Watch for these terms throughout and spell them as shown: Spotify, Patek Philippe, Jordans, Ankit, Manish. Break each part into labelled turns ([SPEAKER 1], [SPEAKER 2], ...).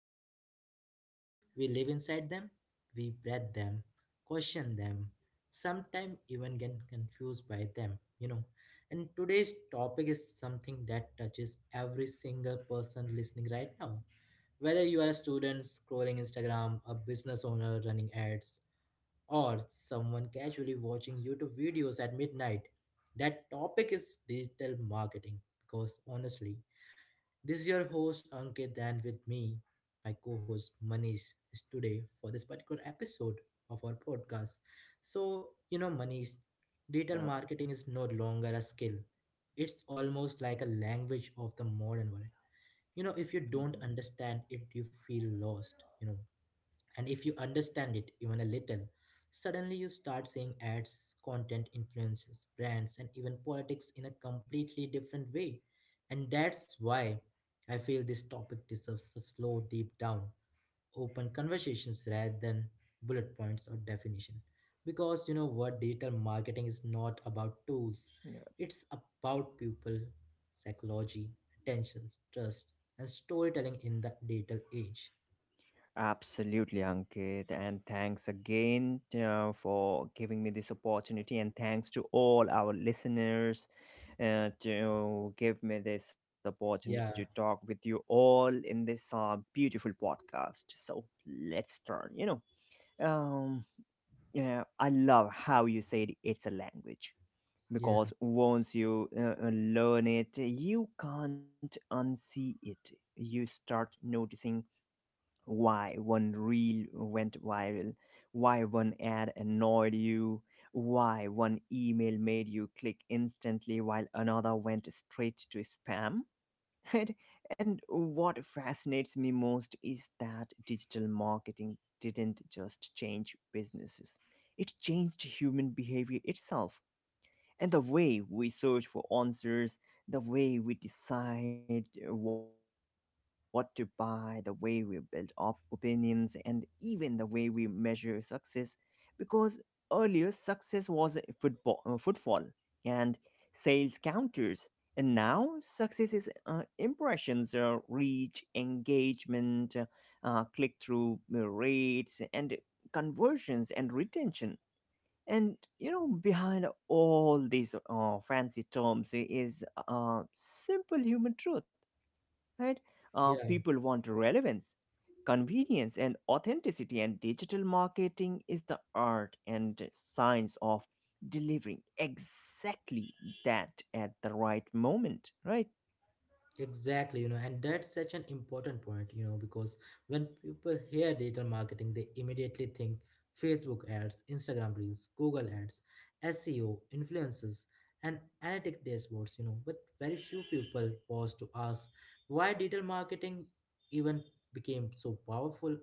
[SPEAKER 1] talk about trends. We live inside them, we breathe them, question them, sometimes even get confused by them. And today's topic is something that touches every single person listening right now. Whether you are a student scrolling Instagram, a business owner running ads, or someone casually watching YouTube videos at midnight. That topic is digital marketing because honestly, this is your host Ankit and with me, my co-host Manish is today for this particular episode of our podcast. So, Manish, digital
[SPEAKER 2] Yeah.
[SPEAKER 1] marketing is no longer a skill. It's almost like a language of the modern world. If you
[SPEAKER 2] Mhm.
[SPEAKER 1] don't understand it, you feel lost. And if you understand it even a little, suddenly you start seeing ads, content, influences, brands, and even politics in a completely different way. And that's why I feel this topic deserves a slow, deep down, open conversations rather than bullet points or definition. Because you know what, digital marketing is not about tools,
[SPEAKER 2] Yeah.
[SPEAKER 1] it's about people, psychology, attention, trust, and storytelling in the digital age.
[SPEAKER 2] Absolutely, Ankit. And thanks again for giving me this opportunity. And thanks to all our listeners to give me this opportunity to
[SPEAKER 1] Yeah,
[SPEAKER 2] talk with you all in this beautiful podcast. So let's start. Um, yeah, I love how you said it's a language
[SPEAKER 1] yeah,
[SPEAKER 2] because once you learn it, you can't unsee it. You start noticing why one reel went viral, why one ad annoyed you, why one email made you click instantly while another went straight to spam. And, and what fascinates me most is that digital marketing didn't just change businesses, it changed human behavior itself and the way we search for answers, the way we decide what to buy, the way we build up opinions, and even the way we measure success. Because earlier, success was a footfall and sales counters. And now, success is impressions, reach, engagement, click through rates, and conversions and retention, and you know, behind all these fancy terms is simple human truth, right?
[SPEAKER 1] yeah.
[SPEAKER 2] People want relevance, convenience, and authenticity, and digital marketing is the art and science of delivering exactly that at the right moment, right?
[SPEAKER 1] Exactly, and that's such an important point, because when people hear digital marketing, they immediately think Facebook ads, Instagram Reels, Google ads, SEO, influencers, and analytic dashboards. But very few people pause to ask why digital marketing even became so powerful.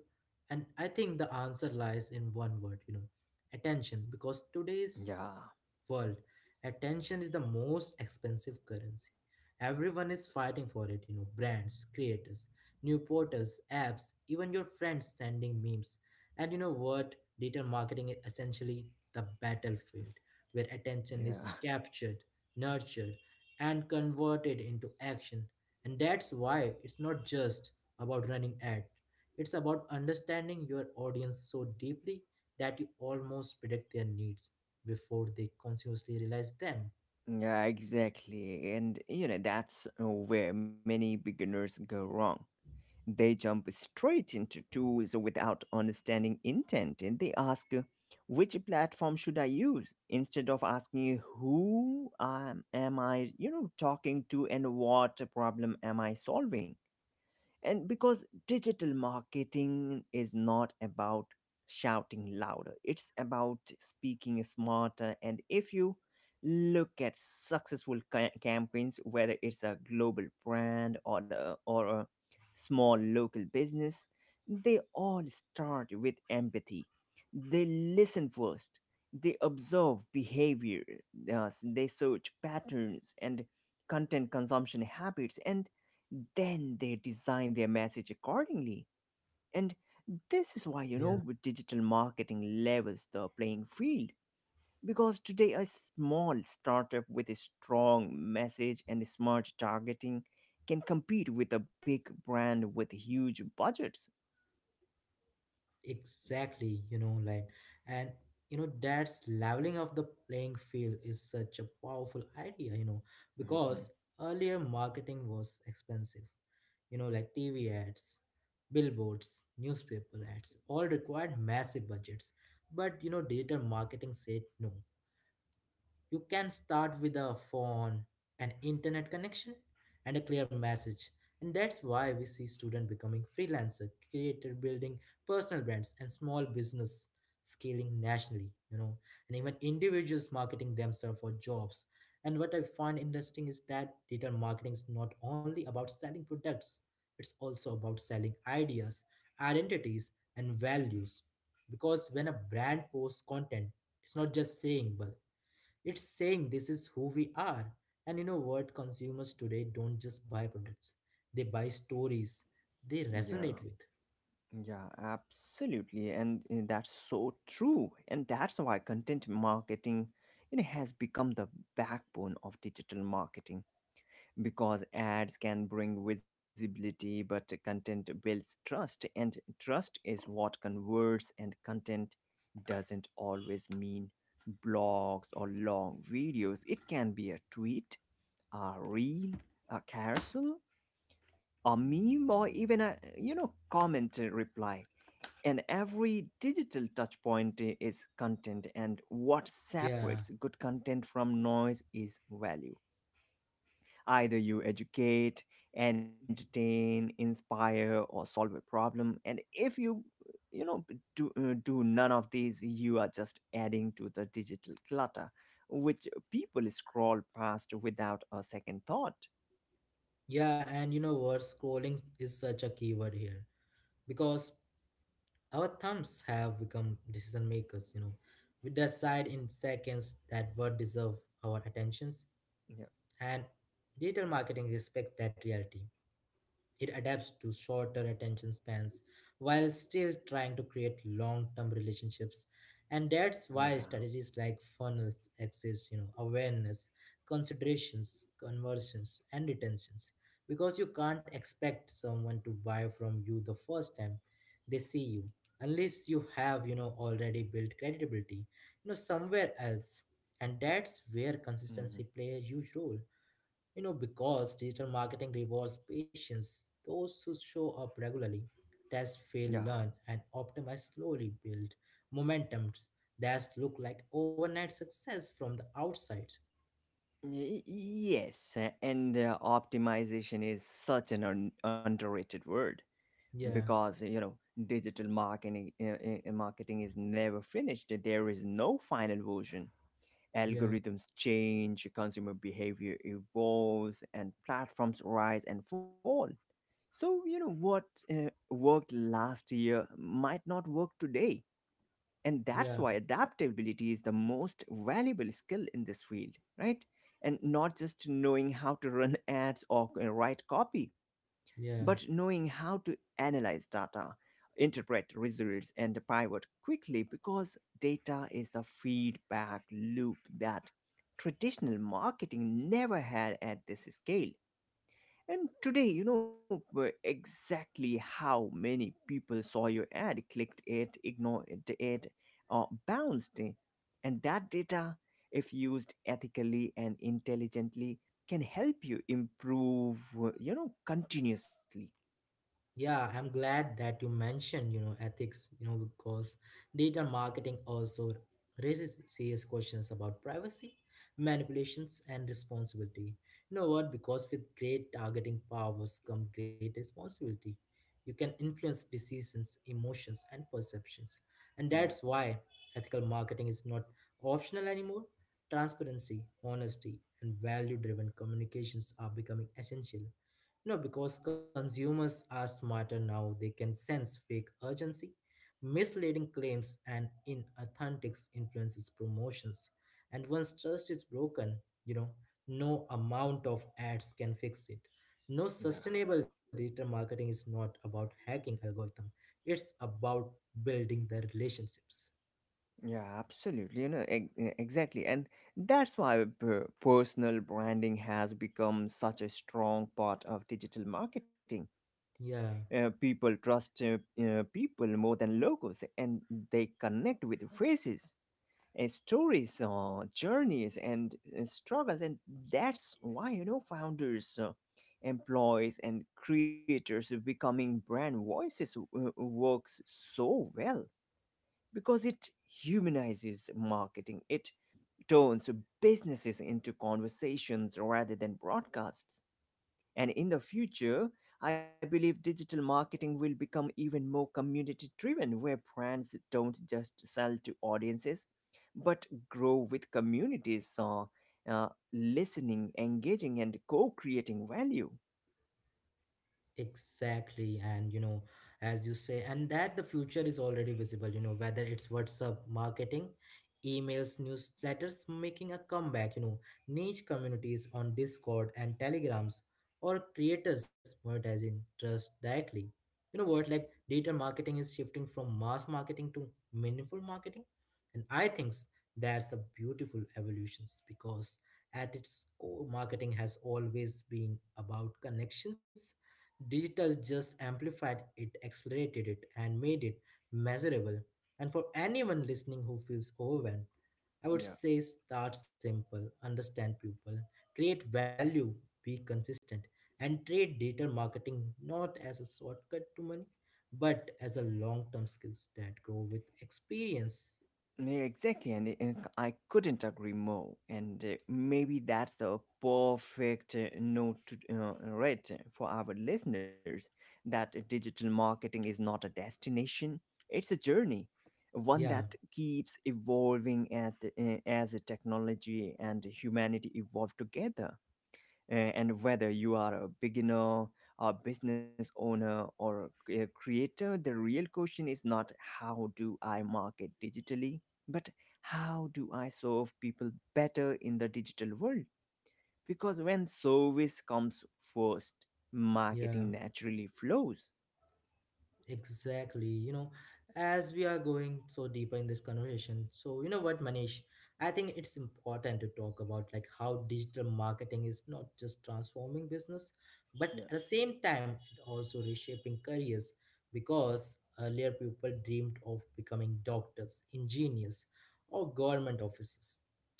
[SPEAKER 1] And I think the answer lies in one word, attention, because today's
[SPEAKER 2] Yeah,
[SPEAKER 1] world, attention is the most expensive currency. Everyone is fighting for it, brands, creators, new portals, apps, even your friends sending memes. And you know what? Digital marketing is essentially the battlefield where attention
[SPEAKER 2] yeah.
[SPEAKER 1] is captured, nurtured, and converted into action. And that's why it's not just about running ads. It's about understanding your audience so deeply that you almost predict their needs before they consciously realize them.
[SPEAKER 2] Yeah, exactly. And you know, that's where many beginners go wrong. They jump straight into tools without understanding intent. And they ask, which platform should I use? Instead of asking, who am I, you know, talking to and what problem am I solving? And because digital marketing is not about shouting louder, it's about speaking smarter. And if you look at successful campaigns, whether it's a global brand or a small local business, they all start with empathy. They listen first. They observe behavior. They search patterns and content consumption habits. And then they design their message accordingly. And this is why, you
[SPEAKER 1] Yeah,
[SPEAKER 2] know, digital marketing levels the playing field. Because today, a small startup with a strong message and smart targeting can compete with a big brand with huge budgets.
[SPEAKER 1] exactly. Like, and that's leveling of the playing field is such a powerful idea
[SPEAKER 2] Mhm.
[SPEAKER 1] because earlier marketing was expensive like TV ads, billboards, newspaper ads all required massive budgets, but digital marketing said no. You can start with a phone, an internet connection, and a clear message. And that's why we see students becoming freelancer, creator building personal brands and small business scaling nationally, and even individuals marketing themselves for jobs. And what I find interesting is that digital marketing is not only about selling products, it's also about selling ideas, identities, and values. Because when a brand posts content, it's not just saying, but it's saying this is who we are. And you know what? Consumers today don't just buy products, they buy stories they resonate
[SPEAKER 2] Yeah.
[SPEAKER 1] with.
[SPEAKER 2] Yeah, absolutely. And that's so true. And that's why content marketing, you know, has become the backbone of digital marketing because ads can bring visibility, but content builds trust. And trust is what converts, and content doesn't always mean blogs or long videos. It can be a tweet, a reel, a carousel, a meme, or even a, you know, comment reply, and every digital touchpoint is content, and what
[SPEAKER 1] Yeah.
[SPEAKER 2] separates good content from noise is value. Either you educate, entertain, inspire, or solve a problem. And if you, you know, do none of these, you are just adding to the digital clutter, which people scroll past without a second thought.
[SPEAKER 1] Yeah. And you know what? Scrolling is such a keyword here because our thumbs have become decision makers. We decide in seconds that what deserve our attentions
[SPEAKER 2] Yeah.
[SPEAKER 1] and digital marketing respects that reality. It adapts to shorter attention spans while still trying to create long term relationships. And that's why
[SPEAKER 2] Yeah.
[SPEAKER 1] strategies like funnels exist, awareness, considerations, conversions, and retentions. Because you can't expect someone to buy from you the first time they see you, unless you have, already built credibility, somewhere else. And that's where
[SPEAKER 2] Hmm.
[SPEAKER 1] consistency plays a huge role, because digital marketing rewards patients, those who show up regularly, test, fail,
[SPEAKER 2] Yeah.
[SPEAKER 1] learn, and optimize slowly build momentums that look like overnight success from the outside.
[SPEAKER 2] Yes, and optimization is such an underrated word
[SPEAKER 1] Yeah,
[SPEAKER 2] because you know digital marketing marketing is never finished. There is no final version.
[SPEAKER 1] yeah,
[SPEAKER 2] Algorithms change, consumer behavior evolves, and platforms rise and fall. So you know what worked last year might not work today, and
[SPEAKER 1] yeah,
[SPEAKER 2] that's why adaptability is the most valuable skill in this field, right? And not just knowing how to run ads or write copy,
[SPEAKER 1] yeah.
[SPEAKER 2] but knowing how to analyze data, interpret results, and pivot quickly, because data is the feedback loop that traditional marketing never had at this scale. And today, you know, exactly how many people saw your ad, clicked it, ignored it, or bounced it. And that data, if used ethically and intelligently, can help you improve, you know, continuously.
[SPEAKER 1] Yeah, I'm glad that you mentioned, ethics, because data marketing also raises serious questions about privacy, manipulations, and responsibility. You know what? Because with great targeting powers come great responsibility. You can influence decisions, emotions, and perceptions. And
[SPEAKER 2] Yeah,
[SPEAKER 1] that's why ethical marketing is not optional anymore. Transparency, honesty, and value driven communications are becoming essential. No, because consumers are smarter now, they can sense fake urgency, misleading claims, and inauthentic influences promotions. And once trust is broken, you know, no amount of ads can fix it. No
[SPEAKER 2] yeah,
[SPEAKER 1] sustainable digital marketing is not about hacking algorithm. It's about building the relationships.
[SPEAKER 2] yeah, absolutely. You know, exactly. And that's why personal branding has become such a strong part of digital marketing.
[SPEAKER 1] Yeah.
[SPEAKER 2] People trust people more than logos, and they connect with phrases and stories, journeys, and struggles, and that's why you know founders, employees, and creators of becoming brand voices works so well because it humanizes marketing. It turns businesses into conversations rather than broadcasts, and in the future, I believe digital marketing will become even more community driven, where brands don't just sell to audiences but grow with communities, listening, engaging, and co creating value.
[SPEAKER 1] Exactly, and as you say, and that the future is already visible, whether it's WhatsApp marketing, emails, newsletters making a comeback, niche communities on Discord and Telegrams, or creators monetizing trust directly. You know what, like data marketing is shifting from mass marketing to meaningful marketing, and I think that's a beautiful evolution because at its core, marketing has always been about connections. Digital just amplified it, accelerated it, and made it measurable. And for anyone listening who feels overwhelmed, I would
[SPEAKER 2] Yeah.
[SPEAKER 1] say start simple, understand people, create value, be consistent, and treat digital marketing not as a shortcut to money, but as a long term skills that grow with experience.
[SPEAKER 2] Yeah, exactly, and I couldn't agree more. And maybe that's the perfect note to read for our listeners that digital marketing is not a destination; it's a journey, one
[SPEAKER 1] Yeah,
[SPEAKER 2] that keeps evolving as technology and humanity evolve together. And whether you are a beginner, a business owner, or a creator, the real question is not how do I market digitally, but how do I serve people better in the digital world? Because when service comes first,
[SPEAKER 1] yeah.
[SPEAKER 2] marketing naturally flows.
[SPEAKER 1] Exactly. As we are going so deeper in this conversation, so you know what, Manish, I think it's important to talk about like how digital marketing is not just transforming business, but
[SPEAKER 2] Yeah.
[SPEAKER 1] at the same time, it also reshaping careers because earlier people dreamed of becoming doctors, engineers, or government officers.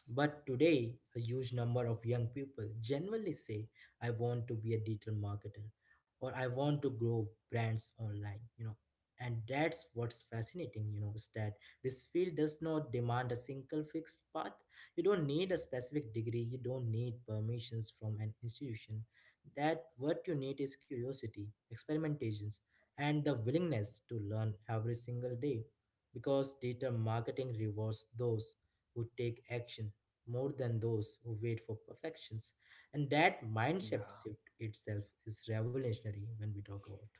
[SPEAKER 1] But today, a huge number of young people generally say, I want to be a digital marketer or I want to grow brands online. And that's what's fascinating, is that this field does not demand a single fixed path. You don't need a specific degree, you don't need permissions from an institution that what you need is curiosity, experimentations, and the willingness to learn every single day because digital marketing rewards those who take action more than those who wait for perfection. And that mindset
[SPEAKER 2] Yeah.
[SPEAKER 1] shift itself is revolutionary when we talk about.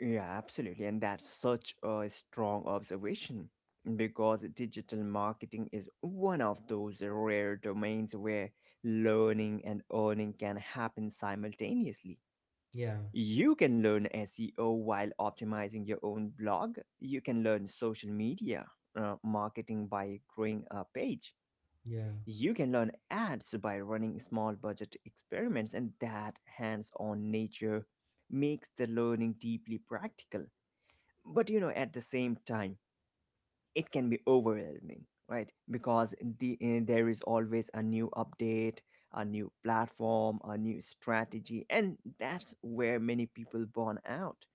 [SPEAKER 2] Yeah, absolutely. And that's such a strong observation because digital marketing is one of those rare domains where learning and earning can happen simultaneously.
[SPEAKER 1] Yeah,
[SPEAKER 2] You can learn SEO while optimizing your own blog, you can learn social media marketing by growing a page.
[SPEAKER 1] yeah.
[SPEAKER 2] You can learn ads by running small budget experiments, and that hands on nature makes the learning deeply practical, but you know at the same time it can be overwhelming, right? Because there is always a new update, a new platform, a new strategy, and that's where many people burn out,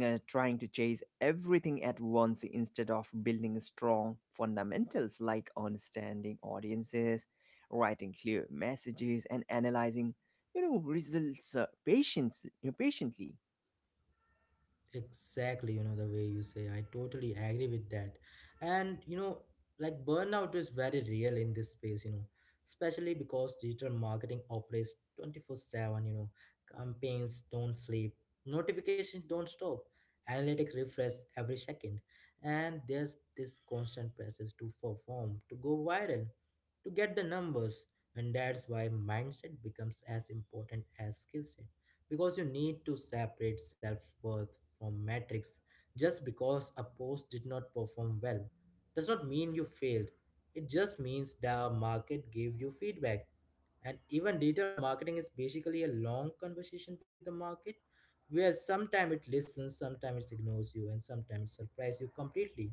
[SPEAKER 2] trying to chase everything at once instead of building strong fundamentals like understanding audiences, writing clear messages, and analyzing, you know, results patiently.
[SPEAKER 1] Exactly, the way you say, I totally agree with that. And, like burnout is very real in this space, especially because digital marketing operates 24/7, campaigns don't sleep, notifications don't stop, analytics refresh every second. And there's this constant process to perform, to go viral, to get the numbers. And that's why mindset becomes as important as skill set because you need to separate self worth from metrics. Just because a post did not perform well does not mean you failed. It just means the market gave you feedback. And even digital marketing is basically a long conversation with the market where sometimes it listens, sometimes it ignores you, and sometimes it surprises you completely.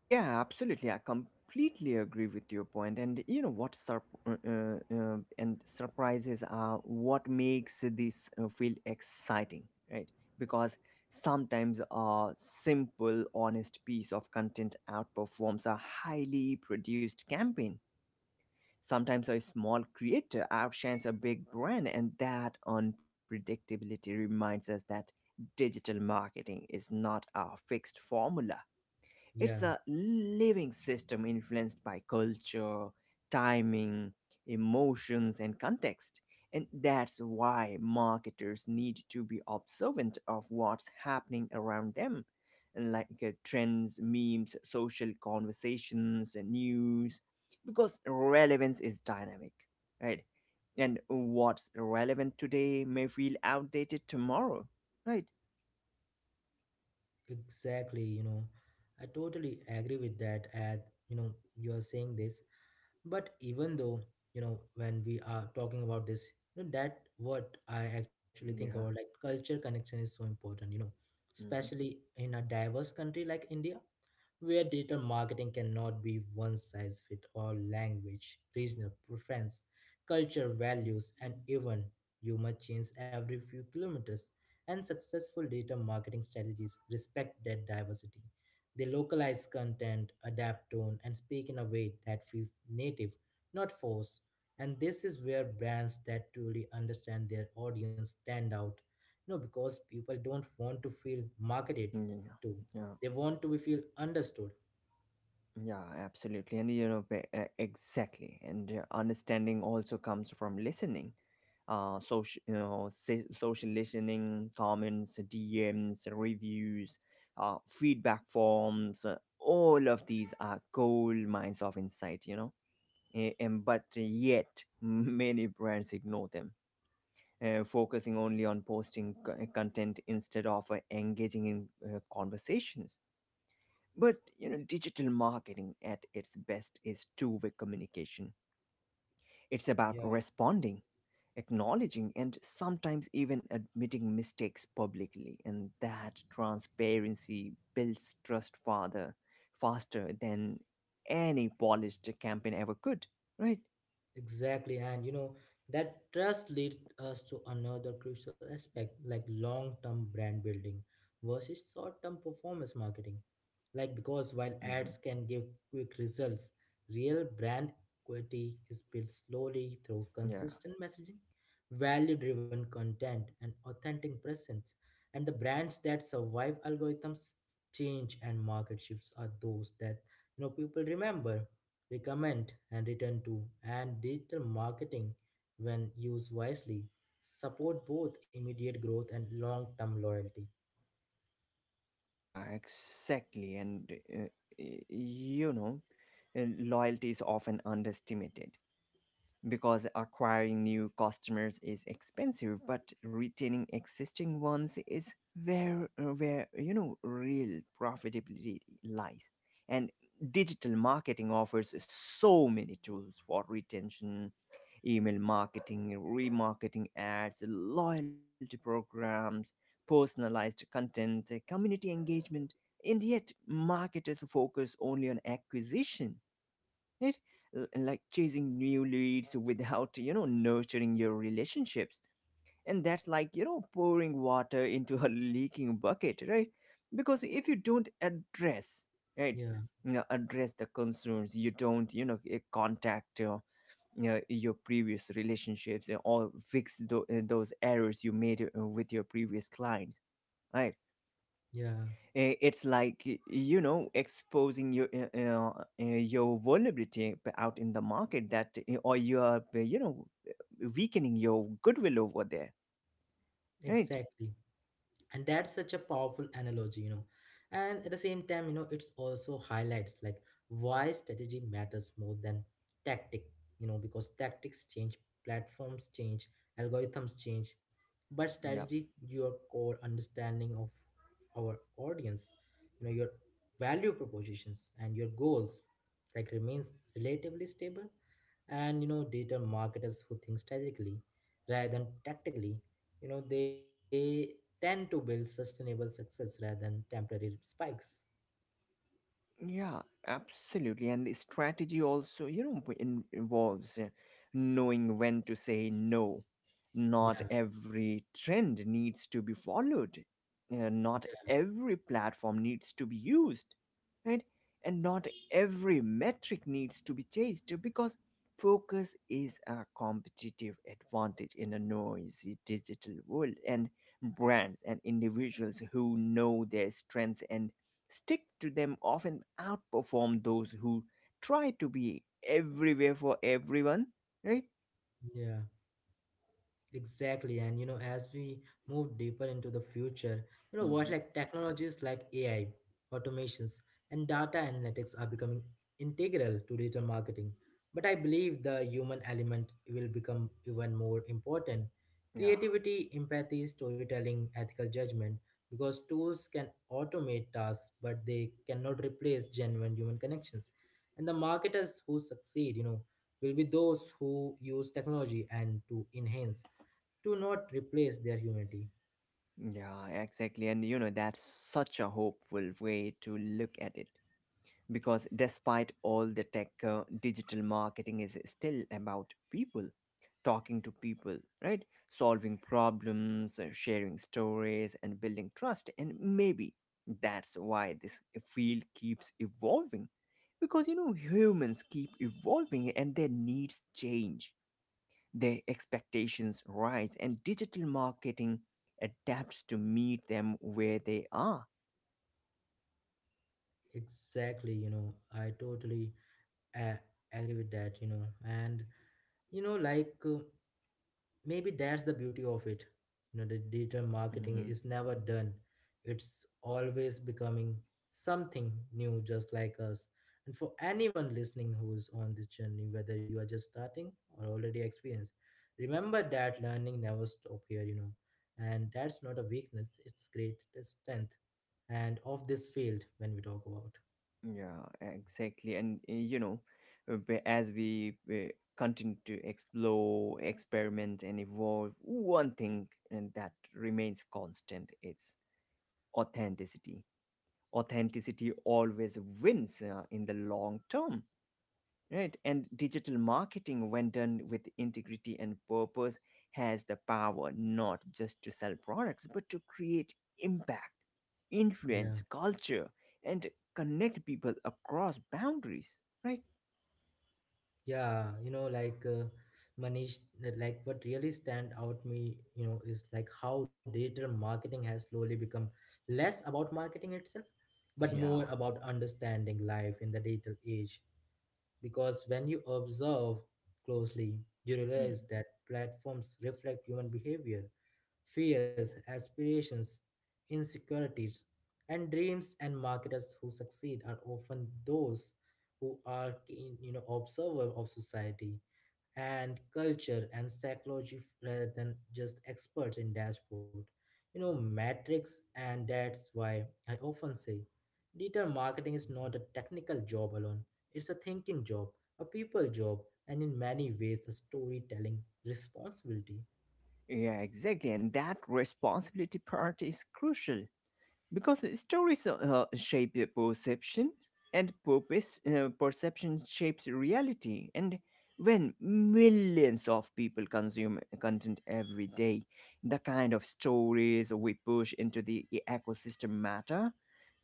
[SPEAKER 2] Yeah, absolutely. I completely agree with your point. And you know what, sur- and surprises are what makes this feel exciting, right? Because sometimes a simple, honest piece of content outperforms a highly produced campaign. Sometimes a small creator outshines a big brand, and that unpredictability reminds us that digital marketing is not a fixed formula, it's
[SPEAKER 1] Yeah,
[SPEAKER 2] a living system influenced by culture, timing, emotions, and context. And that's why marketers need to be observant of what's happening around them, and like trends, memes, social conversations, and news, because relevance is dynamic, right? And what's relevant today may feel outdated tomorrow, right?
[SPEAKER 1] exactly. I totally agree with that. At you are saying this, but even though when we are talking about this, that what I actually think about
[SPEAKER 2] Yeah.
[SPEAKER 1] like culture connection is so important
[SPEAKER 2] Hmm.
[SPEAKER 1] especially in a diverse country like India where digital marketing cannot be one size fits all language, regional preference, culture, values, and even humor change every few kilometers. And successful digital marketing strategies respect that diversity. They localize content, adapt tone, and speak in a way that feels native, not forced. And this is where brands that truly understand their audience stand out. No, because people don't want to feel marketed
[SPEAKER 2] Yeah.
[SPEAKER 1] to.
[SPEAKER 2] Yeah.
[SPEAKER 1] They want to be feel understood.
[SPEAKER 2] Yeah, absolutely. And you know, exactly. And understanding also comes from listening. Social, you know, social listening, comments, DMs, reviews, feedback forms, all of these are gold mines of insight, you know. And, but yet, many brands ignore them, focusing only on posting content instead of engaging in conversations, but you know, digital marketing at its best is two-way communication. It's about
[SPEAKER 1] Yeah.
[SPEAKER 2] responding, acknowledging, and sometimes even admitting mistakes publicly. And that transparency builds trust faster than any polished campaign ever could. Right?
[SPEAKER 1] Exactly. And that trust leads us to another crucial aspect like long term brand building versus short term performance marketing. Like, because while
[SPEAKER 2] Hmm.
[SPEAKER 1] ads can give quick results, real brand equity is built slowly through
[SPEAKER 2] Yeah.
[SPEAKER 1] consistent messaging, value driven content, and authentic presence. And the brands that survive algorithms change and market shifts are those that you know, people remember, recommend, and return to, and digital marketing, when used wisely, support both immediate growth and long term loyalty.
[SPEAKER 2] Yeah. Exactly. And you know, and loyalty is often underestimated, because acquiring new customers is expensive, but retaining existing ones is where you know real profitability lies. And digital marketing offers so many tools for retention, email marketing, remarketing ads, loyalty programs, personalized content, community engagement. And yet, marketers focus only on acquisition, right? Like chasing new leads without, you know, nurturing your relationships, and that's like, you know, pouring water into a leaking bucket, right? Because if you don't address, right,
[SPEAKER 1] Yeah,
[SPEAKER 2] you know, address the concerns, you don't, you know, contact, you know, your previous relationships, or fix those errors you made with your previous clients, right?
[SPEAKER 1] yeah,
[SPEAKER 2] It's like you know exposing your vulnerability out in the market, that or you are you know weakening your goodwill over there, right.
[SPEAKER 1] exactly. And that's such a powerful analogy, and at the same time, it's also highlights like why strategy matters more than tactics, because tactics change, platforms change, algorithms change, but strategy your core understanding of our audience, your value propositions and your goals like remains relatively stable. And data marketers who think strategically rather than tactically, they tend to build sustainable success rather than temporary spikes.
[SPEAKER 2] Yeah, absolutely. And strategy also, you know, involves knowing when to say no. Not
[SPEAKER 1] Yeah,
[SPEAKER 2] every trend needs to be followed. Not every platform needs to be used, right? And not every metric needs to be chased because focus is a competitive advantage in a noisy digital world. And brands and individuals who know their strengths and stick to them often outperform those who try to be everywhere for everyone, right?
[SPEAKER 1] yeah. Exactly, and as we move deeper into the future, you know what,
[SPEAKER 2] Hmm.
[SPEAKER 1] like technologies like AI, automations, and data analytics are becoming integral to digital marketing. But I believe the human element will become even more important.
[SPEAKER 2] Yeah.
[SPEAKER 1] Creativity, empathy, storytelling, ethical judgment, because tools can automate tasks, but they cannot replace genuine human connections. And the marketers who succeed, will be those who use technology and to enhance do not replace their humanity.
[SPEAKER 2] Yeah, exactly. And you know, that's such a hopeful way to look at it, because despite all the tech, digital marketing is still about people talking to people, right, solving problems, sharing stories, and building trust, and maybe that's why this field keeps evolving, because you know humans keep evolving and their needs change, their expectations rise, and digital marketing adapts to meet them where they are.
[SPEAKER 1] Exactly. I totally uh, agree with that. And you know like uh, maybe that's the beauty of it. The digital marketing
[SPEAKER 2] Mhm.
[SPEAKER 1] is never done, it's always becoming something new, just like us. And for anyone listening who's on this journey, whether you are just starting or already experienced, remember that learning never stop here. And that's not a weakness, it's great, it's strength, and of this field when we talk about.
[SPEAKER 2] Yeah, exactly. And you know, as we continue to explore, experiment, and evolve, one thing and that remains constant, it's authenticity. Authenticity always wins in the long term. Right. And digital marketing, when done with integrity and purpose, has the power not just to sell products, but to create impact,
[SPEAKER 1] Yeah.
[SPEAKER 2] influence, culture, and connect people across boundaries. Right?
[SPEAKER 1] Yeah, Manish, that, like what really stand out me, is like how digital marketing has slowly become less about marketing itself, but more
[SPEAKER 2] Yeah.
[SPEAKER 1] about understanding life in the digital age. Because when you observe closely, you
[SPEAKER 2] Mm.
[SPEAKER 1] realize that platforms reflect human behavior, fears, aspirations, insecurities, and dreams. And marketers who succeed are often those who are keen, observer of society and culture and psychology, rather than just experts in dashboard metrics. And that's why I often say digital marketing is not a technical job alone, it's a thinking job, a people job, and in many ways a storytelling responsibility.
[SPEAKER 2] Yeah, exactly. And that responsibility part is crucial. Because stories shape the perception, and purpose perception shapes reality. And when millions of people consume content every day, the kind of stories we push into the ecosystem matter,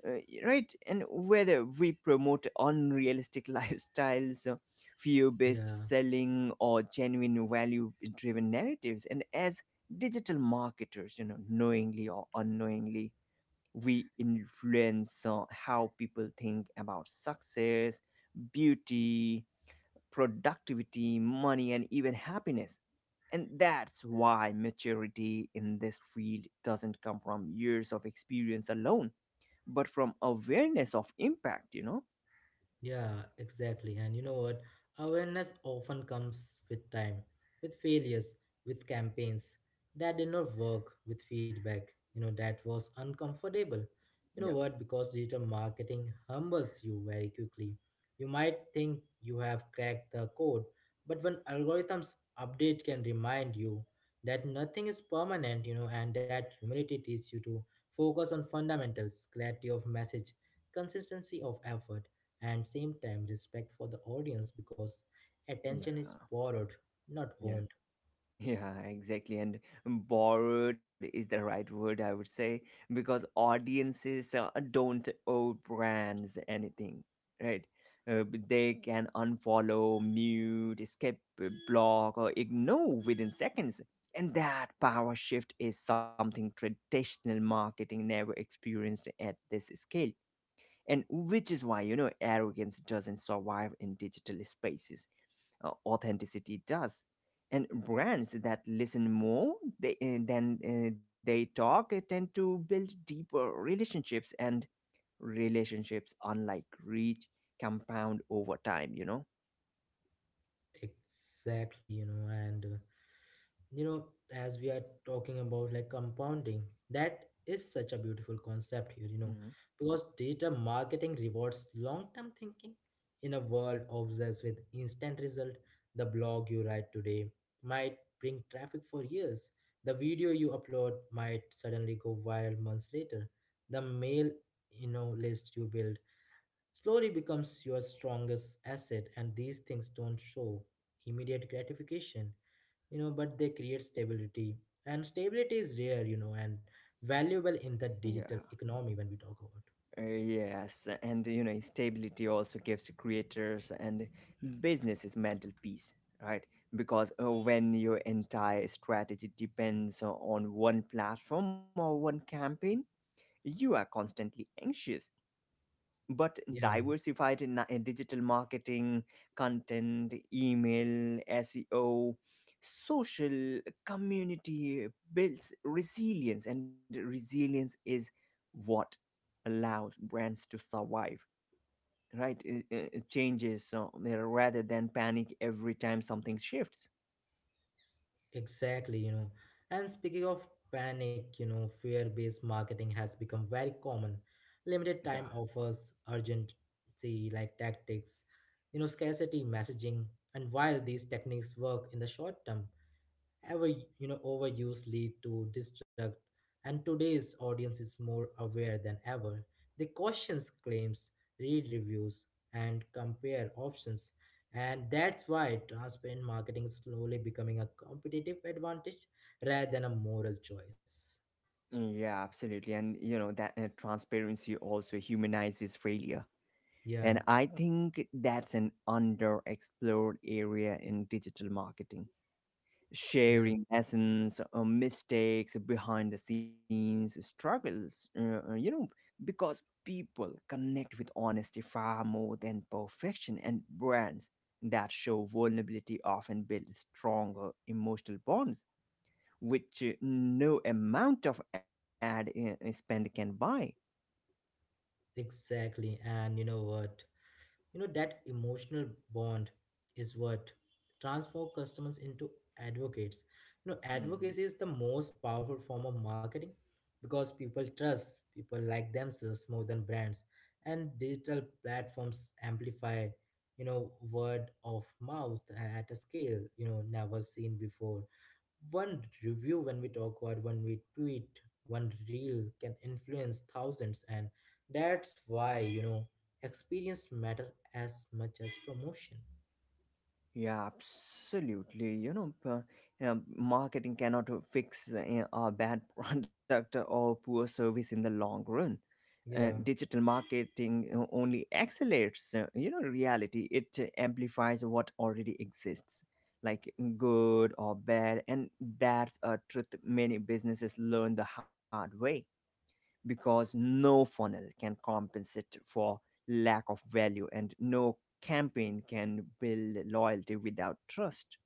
[SPEAKER 2] right? And whether we promote unrealistic lifestyles, fear-based
[SPEAKER 1] Yeah.
[SPEAKER 2] selling, or genuine value-driven narratives, and as digital marketers, you know, knowingly or unknowingly we influence how people think about success, beauty, productivity, money, and even happiness. And that's why maturity in this field doesn't come from years of experience alone, but from awareness of impact.
[SPEAKER 1] Yeah, exactly. And you know what? Awareness often comes with time, with failures, with campaigns that did not work, with feedback, that was uncomfortable. You know
[SPEAKER 2] Yep.
[SPEAKER 1] what? Because digital marketing humbles you very quickly. You might think you have cracked the code, but when algorithms update can remind you that nothing is permanent, and that humility teaches you to focus on fundamentals, clarity of message, consistency of effort, and same time respect for the audience, because attention is
[SPEAKER 2] Yeah.
[SPEAKER 1] borrowed, not
[SPEAKER 2] Yeah.
[SPEAKER 1] owned.
[SPEAKER 2] Yeah, exactly. And borrowed is the right word, I would say, because audiences don't owe brands anything, right? But they can unfollow, mute, skip, block, or ignore within seconds. And that power shift is something traditional marketing never experienced at this scale. And which is why, you know, arrogance doesn't survive in digital spaces authenticity does. And brands that listen more they talk tend to build deeper relationships, and relationships, unlike reach, compound over time.
[SPEAKER 1] Exactly, and you know, as we are talking about like compounding, that is such a beautiful concept here,
[SPEAKER 2] Mhm.
[SPEAKER 1] because data marketing rewards long-term thinking in a world obsessed with instant result. The blog you write today might bring traffic for years. The video you upload might suddenly go viral months later. The mail, list you build slowly becomes your strongest asset. And these things don't show immediate gratification, but they create stability. And stability is rare and valuable in the
[SPEAKER 2] Yeah.
[SPEAKER 1] digital economy when we talk about.
[SPEAKER 2] Yes, and you know, stability also gives creators and businesses mental peace, right? Because when your entire strategy depends on one platform or one campaign, you are constantly anxious but
[SPEAKER 1] Yeah,
[SPEAKER 2] diversified in digital marketing, content, email, SEO, social community builds resilience, and resilience is what allows brands to survive. Right, it changes rather than panic every time something shifts.
[SPEAKER 1] exactly. And speaking of panic, fear based marketing has become very common. Limited
[SPEAKER 2] Yeah,
[SPEAKER 1] time offers, urgency like tactics, scarcity messaging. And while these techniques work in the short term, ever overuse lead to distract. And today's audience is more aware than ever, they question claims, read reviews, and compare options. And that's why transparent marketing is slowly becoming a competitive advantage rather than a moral choice.
[SPEAKER 2] yeah, absolutely, and you know that transparency also humanizes failure.
[SPEAKER 1] Yeah,
[SPEAKER 2] And I think that's an underexplored area in digital marketing.
[SPEAKER 1] yeah.
[SPEAKER 2] Sharing lessons, mistakes, behind the scenes struggles, you know, because people connect with honesty far more than perfection, and brands that show vulnerability often build stronger emotional bonds, which no amount of ad spend can buy.
[SPEAKER 1] Exactly, and you know what? That emotional bond is what transforms customers into advocates. Advocacy is the most powerful form of marketing, because people trust people like themselves more than brands. And digital platforms amplify, word of mouth at a scale, never seen before. One review when we talk about, when we tweet, one reel can influence thousands, and that's why experience matter as much as promotion.
[SPEAKER 2] Yeah, absolutely. You know, marketing cannot fix a bad product or poor service in the long run.
[SPEAKER 1] Yeah.
[SPEAKER 2] Digital marketing only accelerates, you know, reality. It amplifies what already exists, like good or bad, and that's a truth many businesses learn the hard way because no funnel can compensate for lack of value and no campaign can build loyalty without trust.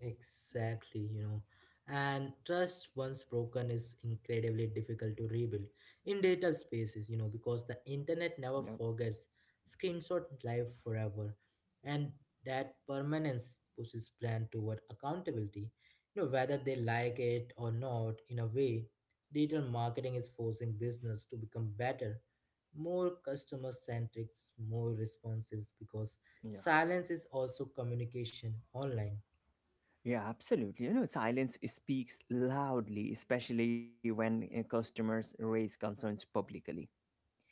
[SPEAKER 1] Exactly. And trust once broken is incredibly difficult to rebuild in digital spaces, because the internet never
[SPEAKER 2] Yeah,
[SPEAKER 1] forgets. Screenshot live forever. And that permanence pushes brand toward accountability. Whether they like it or not, in a way, digital marketing is forcing business to become better, more customer centric, more responsive, because
[SPEAKER 2] yeah.
[SPEAKER 1] silence is also communication online.
[SPEAKER 2] Yeah, absolutely. You know, silence speaks loudly, especially when customers raise concerns publicly.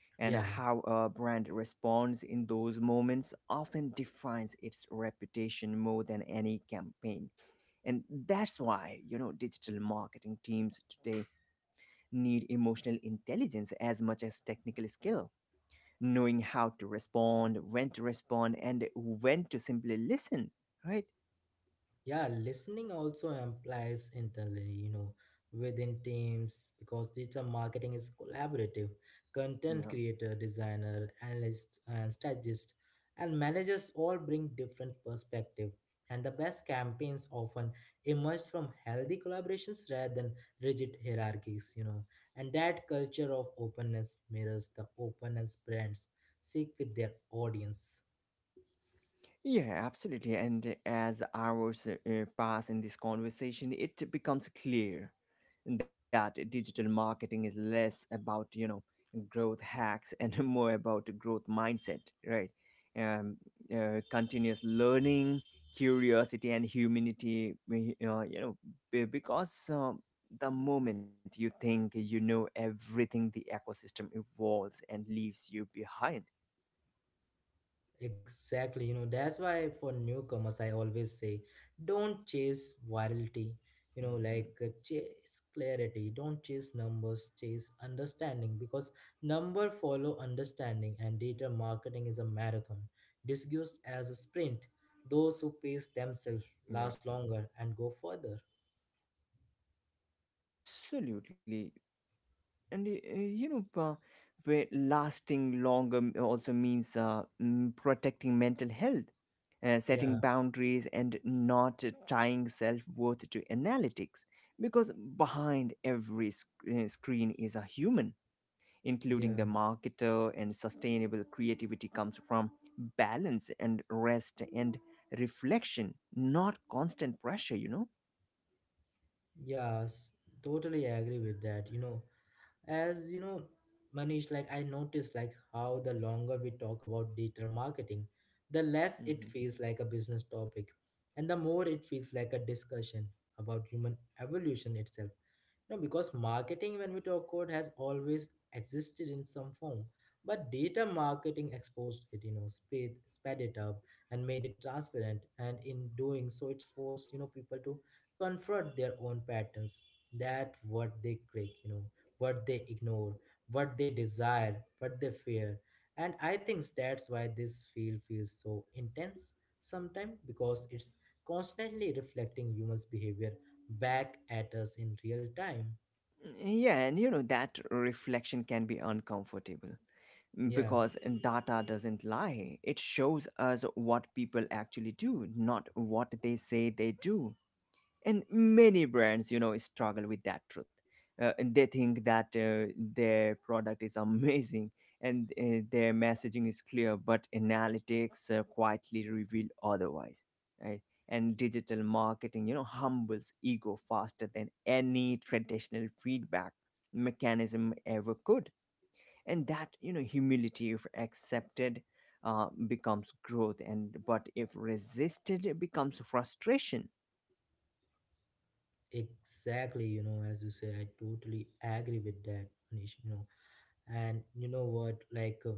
[SPEAKER 2] And
[SPEAKER 1] Yeah.
[SPEAKER 2] how a brand responds in those moments often defines its reputation more than any campaign. And that's why, you know, digital marketing teams today need emotional intelligence as much as technical skill. Knowing how to respond, when to respond, and when to simply listen, right?
[SPEAKER 1] Yeah, listening also implies internally, within teams, because digital marketing is collaborative. Content creator, designer, analyst, and strategist, and managers all bring different perspective. And the best campaigns often emerge from healthy collaborations rather than rigid hierarchies. And that culture of openness mirrors the openness brands seek with their audience.
[SPEAKER 2] Yeah, absolutely. And as hours pass in this conversation, it becomes clear that digital marketing is less about, you know, growth hacks and more about growth mindset, right? Um, Continuous learning, curiosity, and humanity, you know, because the moment you think you know everything, the ecosystem evolves and leaves you behind.
[SPEAKER 1] Exactly, that's why for newcomers, I always say don't chase virality, you know,
[SPEAKER 2] Hmm.
[SPEAKER 1] like uh, chase clarity, don't chase numbers, chase understanding, because number follow understanding, and data marketing is a marathon discussed as a sprint. Those who pace themselves
[SPEAKER 2] Yeah,
[SPEAKER 1] last longer and go further.
[SPEAKER 2] absolutely. And you know where lasting longer also means protecting mental health, setting
[SPEAKER 1] Yeah,
[SPEAKER 2] boundaries and not tying self-worth to analytics because behind every screen is a human,
[SPEAKER 1] yeah,
[SPEAKER 2] including the marketer, and sustainable creativity comes from balance and rest and reflection, not constant pressure, you know.
[SPEAKER 1] yes, totally agree with that. As you know, Manish, like I noticed, like how the longer we talk about digital marketing, the less it feels like a business topic, and the more it feels like a discussion about human evolution itself, because marketing when we talk about has always existed in some form, but data marketing exposed it, sped it up and made it transparent. And in doing so, it's forced people to confront their own patterns, that what they create, what they ignore, what they desire, what they fear. And I think that's why this field feels so intense sometimes, because it's constantly reflecting humans' behavior back at us in real time.
[SPEAKER 2] Yeah, and you know that reflection can be uncomfortable,
[SPEAKER 1] Yeah,
[SPEAKER 2] because data doesn't lie. It shows us what people actually do, not what they say they do. And many brands, you know, struggle with that truth, and they think that their product is amazing and their messaging is clear, but analytics quietly reveal otherwise, right? And digital marketing, you know, humbles ego faster than any traditional feedback mechanism ever could. And that, you know, humility, if accepted, becomes growth, and but if resisted it becomes frustration.
[SPEAKER 1] exactly. As you say, I totally agree with that, Manish. And you know what? Like,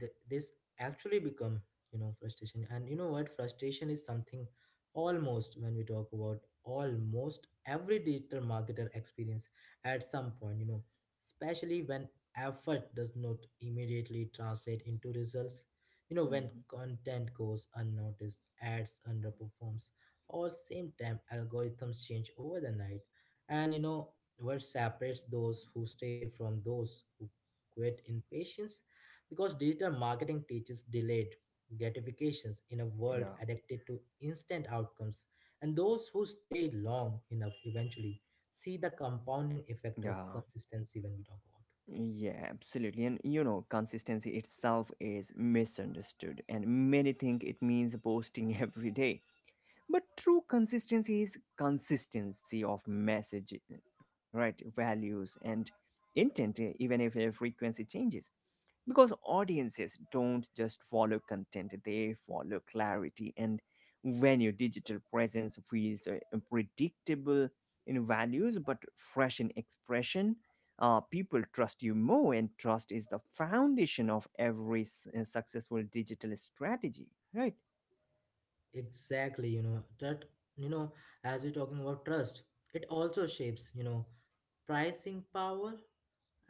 [SPEAKER 1] this actually become frustration. And you know what, frustration is something almost when we talk about almost every digital marketer experience at some point, especially when effort does not immediately translate into results, when
[SPEAKER 2] Mhm.
[SPEAKER 1] content goes unnoticed, ads underperforms, or same time algorithms change over the night. And you know what separates those who stay from those who quit in patience, because digital marketing teaches delayed gratifications in a world
[SPEAKER 2] Yeah,
[SPEAKER 1] addicted to instant outcomes, and those who stay long enough eventually see the compounding effect of
[SPEAKER 2] yeah,
[SPEAKER 1] consistency when we talk about.
[SPEAKER 2] yeah, absolutely. And you know, consistency itself is misunderstood, and many think it means posting every day. But true consistency is consistency of message, right? Values and intent, even if frequency changes. Because audiences don't just follow content, they follow clarity, and when your digital presence feels predictable in values but fresh in expression, people trust you more, and trust is the foundation of every successful digital strategy, right?
[SPEAKER 1] Exactlyyou know, as we're talking about trust, it also shapes, pricing power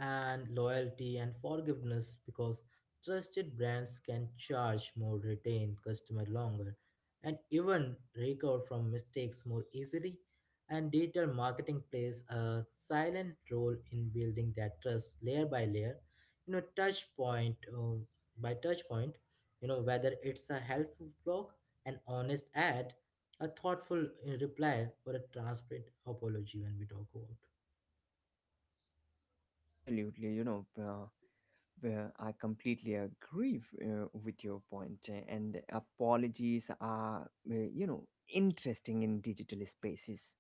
[SPEAKER 1] and loyalty and forgiveness, because trusted brands can charge more, retain customer longer, and even recover from mistakes more easily. And digital marketing plays a silent role in building that trust layer by layer. Touch point by touch point. Whether it's a helpful blog, an honest ad, a thoughtful reply, or a transparent apology when we talk about.
[SPEAKER 2] Absolutely, you know I completely agree with your point, and apologies are, you know, interesting in digital spaces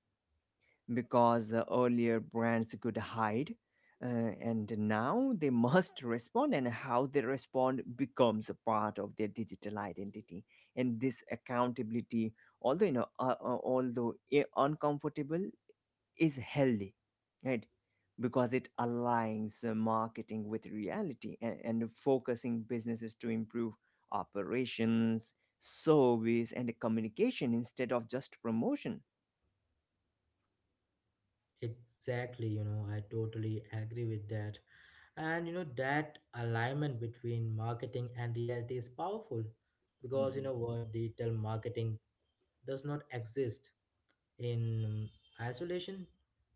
[SPEAKER 2] because earlier brands could hide, and now they must respond, and how they respond becomes a part of their digital identity. And this accountability, although you know, although uncomfortable, is healthy, right? Because it aligns marketing with reality and focusing businesses to improve operations, service, and communication instead of just promotion.
[SPEAKER 1] Exactly, I totally agree with that. And that alignment between marketing and reality is powerful, because you know
[SPEAKER 2] Mhm.
[SPEAKER 1] what, digital marketing does not exist in isolation.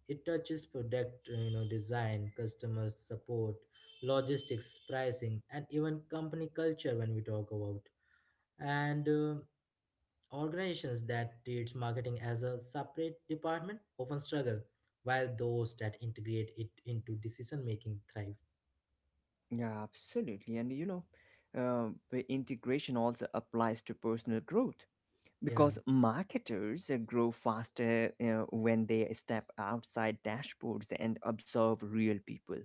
[SPEAKER 1] It touches product, design, customer support, logistics, pricing, and even company culture when we talk about. And organizations that treats marketing as a separate department often struggle, while those that integrate it into decision making thrive.
[SPEAKER 2] Yeah, absolutely. And you know, the integration also applies to personal growth
[SPEAKER 1] Yeah,
[SPEAKER 2] because marketers grow faster when they step outside dashboards and observe real people,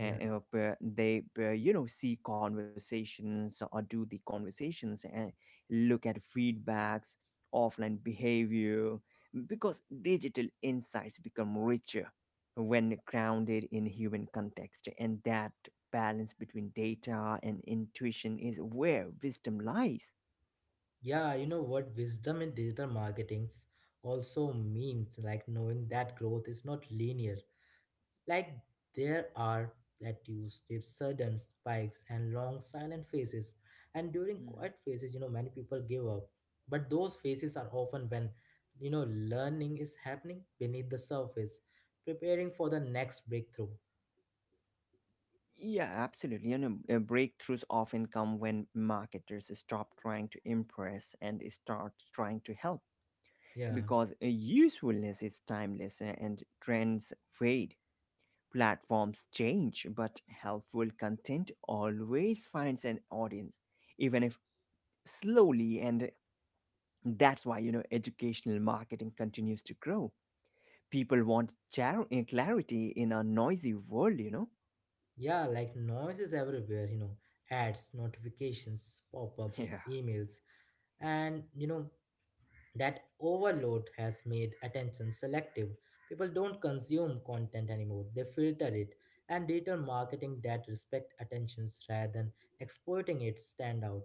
[SPEAKER 1] yeah.
[SPEAKER 2] they, you know, see conversations or do the conversations and look at feedbacks, offline behavior, because digital insights become richer when grounded in human context, and that balance between data and intuition is where wisdom lies.
[SPEAKER 1] Yeah, you know what, wisdom in digital marketings also means like knowing that growth is not linear. Like there are plateaus, with sudden spikes, and long silent phases. And during quiet
[SPEAKER 2] Mhm.
[SPEAKER 1] phases, many people give up. But those phases are often when learning is happening beneath the surface, preparing for the next breakthrough.
[SPEAKER 2] Yeah, absolutely. You know, breakthroughs often come when marketers stop trying to impress and start trying to help
[SPEAKER 1] Yeah.
[SPEAKER 2] because usefulness is timeless, and trends fade. Platforms change, but helpful content always finds an audience, even if slowly. And that's why, you know, educational marketing continues to grow. People want clarity in a noisy world, you know?
[SPEAKER 1] Yeah, like noise is everywhere, ads, notifications, pop ups,
[SPEAKER 2] Yeah.
[SPEAKER 1] emails, and, that overload has made attention selective. People don't consume content anymore, they filter it. And data marketing that respect attentions rather than exploiting it stand out.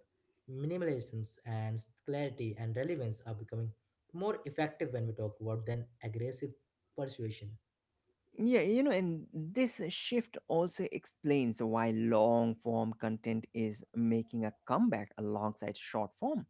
[SPEAKER 1] Minimalisms and clarity and relevance are becoming more effective when we talk about than aggressive persuasion.
[SPEAKER 2] Yeah, you know, and this shift also explains why long form content is making a comeback alongside short form.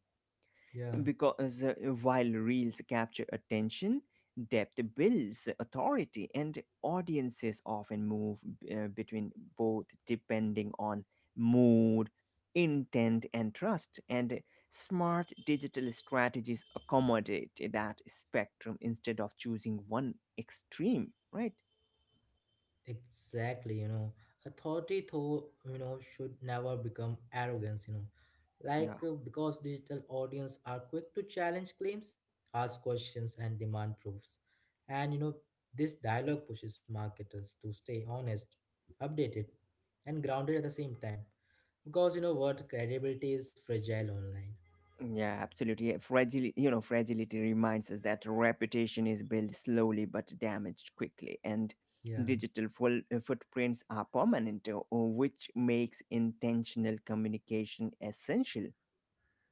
[SPEAKER 1] Yeah.
[SPEAKER 2] Because while reels capture attention, depth builds authority, and audiences often move between both depending on mood, intent, and trust. And smart digital strategies accommodate that spectrum instead of choosing one extreme, right?
[SPEAKER 1] Exactly, authority though, should never become arrogance, you know,
[SPEAKER 2] Yeah.
[SPEAKER 1] like uh, because digital audience are quick to challenge claims, ask questions, and demand proofs. And this dialogue pushes marketers to stay honest, updated, and grounded at the same time, because you know what, credibility is fragile online.
[SPEAKER 2] Yeah, absolutely. Fragile, you know, fragility reminds us that reputation is built slowly but damaged quickly, and
[SPEAKER 1] Yeah,
[SPEAKER 2] digital footprints are permanent, which makes intentional communication essential.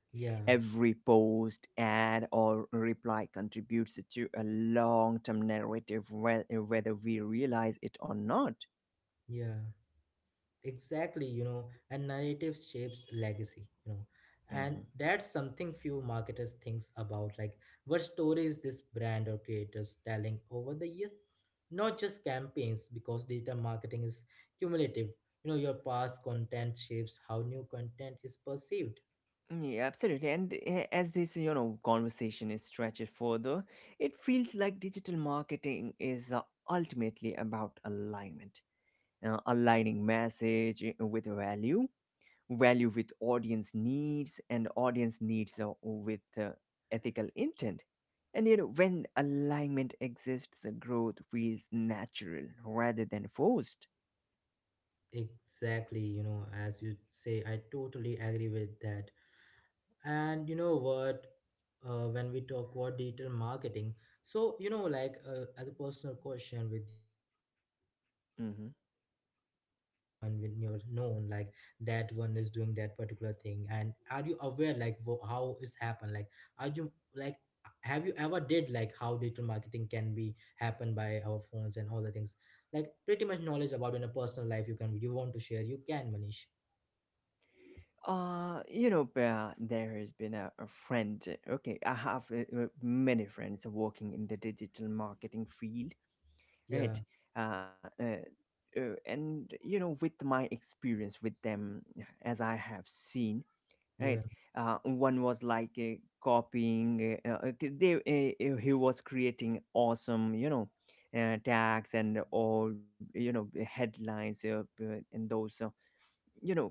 [SPEAKER 1] yeah,
[SPEAKER 2] Every post, ad, or reply contributes to a long-term narrative, whether we realize it or not.
[SPEAKER 1] yeah. Exactly. And narrative shapes legacy, and that's something few marketers thinks about, like what stories this brand or creators telling over the years, not just campaigns, because data marketing is cumulative, your past content shapes how new content is perceived.
[SPEAKER 2] Yeah, absolutely. And as this, you know, conversation is stretched further, it feels like digital marketing is ultimately about alignment, aligning message with value, value with audience needs, and audience needs with ethical intent. And you know, when alignment exists, growth feels natural rather than forced.
[SPEAKER 1] Exactly. As you say, I totally agree with that. And you know what, when we talk about digital marketing, so as a personal question with you, like did you,
[SPEAKER 2] Mm-hmm.
[SPEAKER 1] like did you know anyone when you're known, like that one is doing that particular thing, and are you aware, like how it's happened, like are you, like have you ever did, like how digital marketing can be happen by our phones and all the things, like pretty much knowledge about in a personal life, you can, you want to share, you can, Manish?
[SPEAKER 2] You know, there has been a friend. Okay, I have many friends working in the digital marketing field,
[SPEAKER 1] Yeah,
[SPEAKER 2] right? Uh, uh, and you know, with my experience with them, as I have seen,
[SPEAKER 1] yeah,
[SPEAKER 2] right? One was like copying. They he was creating awesome, you know, tags and all, you know, headlines and those. You know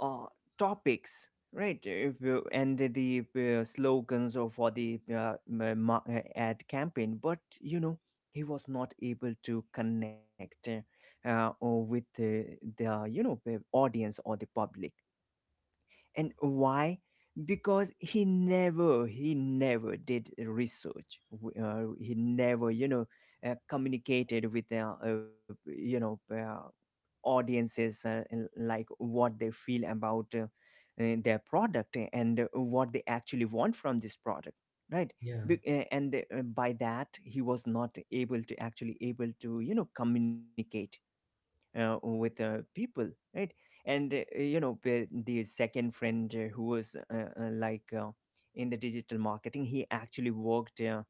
[SPEAKER 2] uh, topics, right? if, you- And the slogans or for the ad campaign, but you know he was not able to connect or with the, you know, the audience or the public. And why? Because he never did research.
[SPEAKER 1] yeah,
[SPEAKER 2] He never, you know, communicated with, you know, audiences and like what they feel about their product and what they actually want from this product, right?
[SPEAKER 1] yeah,
[SPEAKER 2] Be- and By that, he was not able to actually able to, communicate with people, right? And the second friend who was uh, like uh, in the digital marketing, he actually worked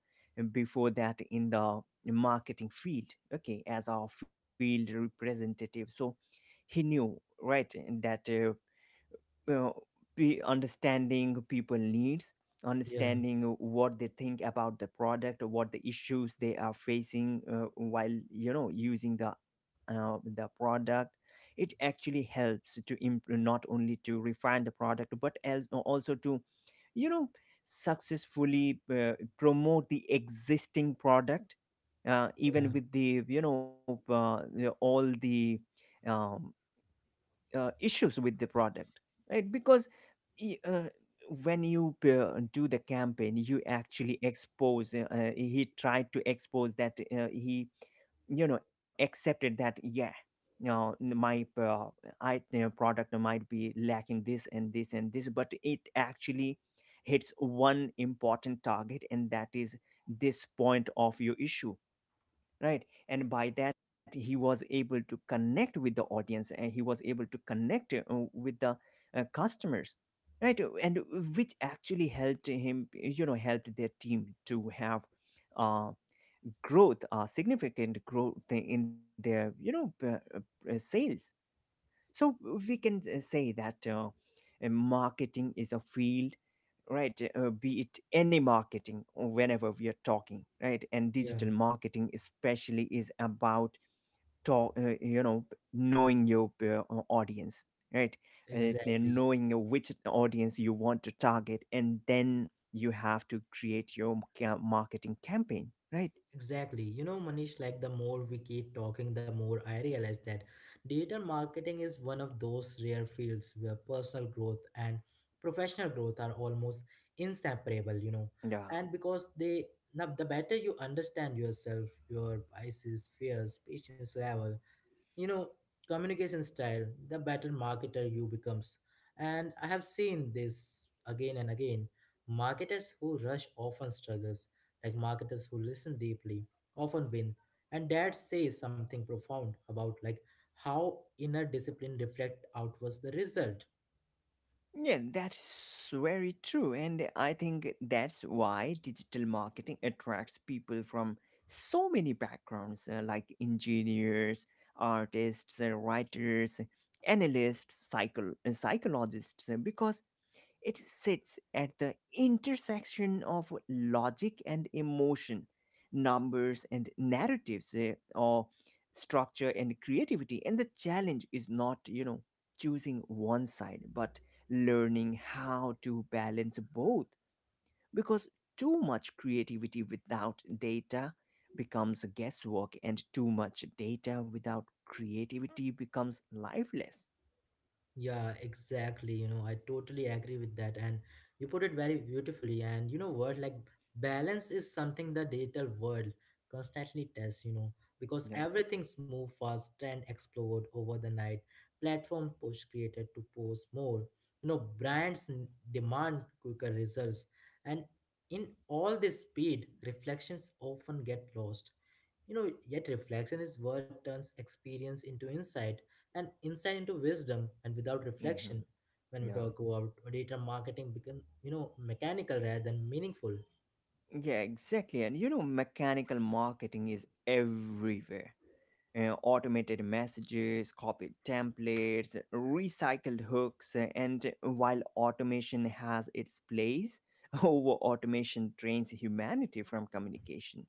[SPEAKER 2] before that in the marketing field, okay, as our field representative. So he knew, right, that uh, be understanding people needs,
[SPEAKER 1] yeah,
[SPEAKER 2] understanding what they think about the product, what the issues they are facing while using the the product. It actually helps to not only to refine the product but also to, you know successfully promote the existing product,
[SPEAKER 1] yeah.
[SPEAKER 2] even with the, all the um, issues with the product, right? Because y- uh, when you do the campaign, you actually expose he tried to expose that, he, accepted that, yeah, my I product might be lacking this and this and this, but it actually hits one important target, and that is this point of your issue, right? And by that, he was able to connect with the audience, and he was able to connect with the customers, right? And which actually helped him, helped their team to have uh, growth, significant growth in their, sales. So we can say that marketing is a field, right? Be it any marketing or whenever we are talking, right? And
[SPEAKER 1] Yeah,
[SPEAKER 2] digital marketing especially is about talk knowing your audience, right? Then
[SPEAKER 1] exactly.
[SPEAKER 2] knowing which audience you want to target, and then you have to create your marketing campaign, right?
[SPEAKER 1] Exactly. Manish, like the more we keep talking, the more I realize that digital marketing is one of those rare fields where personal growth and professional growth are almost inseparable.
[SPEAKER 2] Yeah,
[SPEAKER 1] And because they now, the better you understand yourself, your biases, fears, patience level, you know communication style, the better marketer you becomes. And I have seen this again and again, marketers who rush often struggles, like marketers who listen deeply often win. And that says something profound about like how inner discipline reflect outwards the result.
[SPEAKER 2] yeah, that's very true. And I think that's why digital marketing attracts people from so many backgrounds, like engineers, artists, writers, analysts, psychologists, because it sits at the intersection of logic and emotion, numbers and narratives, or structure and creativity. And the challenge is not, choosing one side, but learning how to balance both. Because too much creativity without data becomes guesswork, and too much data without creativity becomes lifeless.
[SPEAKER 1] Yeah, exactly. I totally agree with that. And you put it very beautifully. And you know what? Like, balance is something the digital world constantly tests, you know, because
[SPEAKER 2] Yeah.
[SPEAKER 1] everything's moved fast and explode over the night. Platform push created to post more. You know, brands demand quicker results. And in all this speed, reflections often get lost. You know, yet reflection is what turns experience into insight and insight into wisdom and without reflection
[SPEAKER 2] Hmm.
[SPEAKER 1] when we
[SPEAKER 2] Yeah.
[SPEAKER 1] talk about data marketing become mechanical rather than meaningful.
[SPEAKER 2] Yeah, exactly. And you know, mechanical marketing is everywhere. Automated messages, copied templates, recycled hooks, and while automation has its place, over automation trains humanity from communication,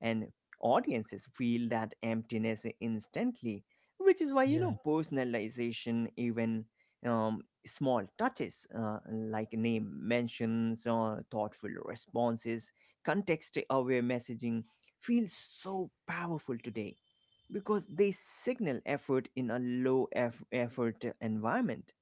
[SPEAKER 2] and audiences feel that emptiness instantly, which is why, you
[SPEAKER 1] Yeah.
[SPEAKER 2] know, personalization, even small touches like name mentions or thoughtful responses, context aware messaging, feel so powerful today, because they signal effort in a low effort environment.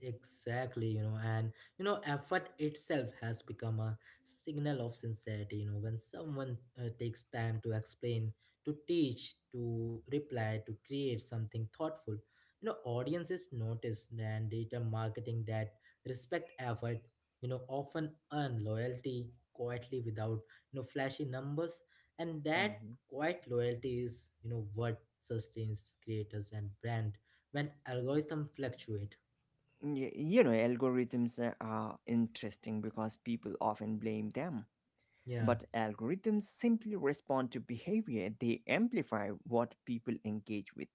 [SPEAKER 1] Exactly, you know, and you know, effort itself has become a signal of sincerity. You know, when someone takes time to explain, to teach, to reply, to create something thoughtful, you know, audiences notice and data marketing that respect effort, you know, often earn loyalty quietly without flashy numbers, and that
[SPEAKER 2] Mhm.
[SPEAKER 1] quiet loyalty is what sustains creators and brand when algorithm fluctuate.
[SPEAKER 2] You know, algorithms are interesting because people often blame them.
[SPEAKER 1] Yeah.
[SPEAKER 2] But algorithms simply respond to behavior, they amplify what people engage with.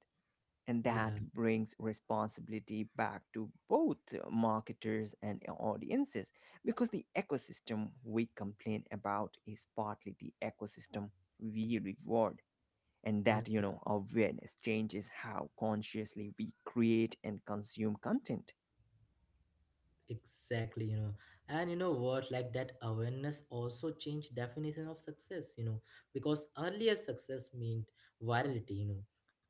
[SPEAKER 2] And that
[SPEAKER 1] Yeah,
[SPEAKER 2] brings responsibility back to both marketers and audiences, because the ecosystem we complain about is partly the ecosystem we reward. And that,
[SPEAKER 1] yeah.
[SPEAKER 2] you know, awareness changes how consciously we create and consume content.
[SPEAKER 1] exactly you know, and you know what? Like, that awareness also changed definition of success, you know, because earlier success meant virality, you know,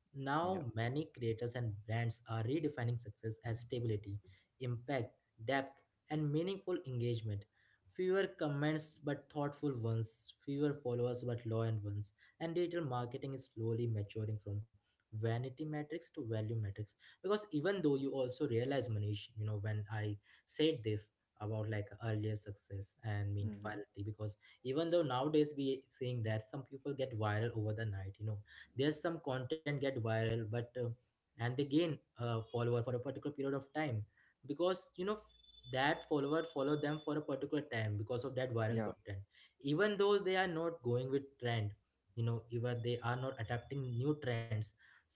[SPEAKER 1] now
[SPEAKER 2] Yeah.
[SPEAKER 1] many creators and brands are redefining success as stability, impact, depth, and meaningful engagement. Fewer comments but thoughtful ones, fewer followers but loyal ones, and digital marketing is slowly maturing from vanity metrics to value metrics, because even though you also realize, Manish, you know, when I said this about like earlier success and mean
[SPEAKER 2] Mhm.
[SPEAKER 1] virality, because even though nowadays we seeing that some people get viral over the night, you know, there's some content get viral, but and they gain a follower for a particular period of time, because you know that follower follow them for a particular time because of that viral
[SPEAKER 2] Yeah.
[SPEAKER 1] content. Even though they are not going with trend, you know, even they are not adapting new trends, so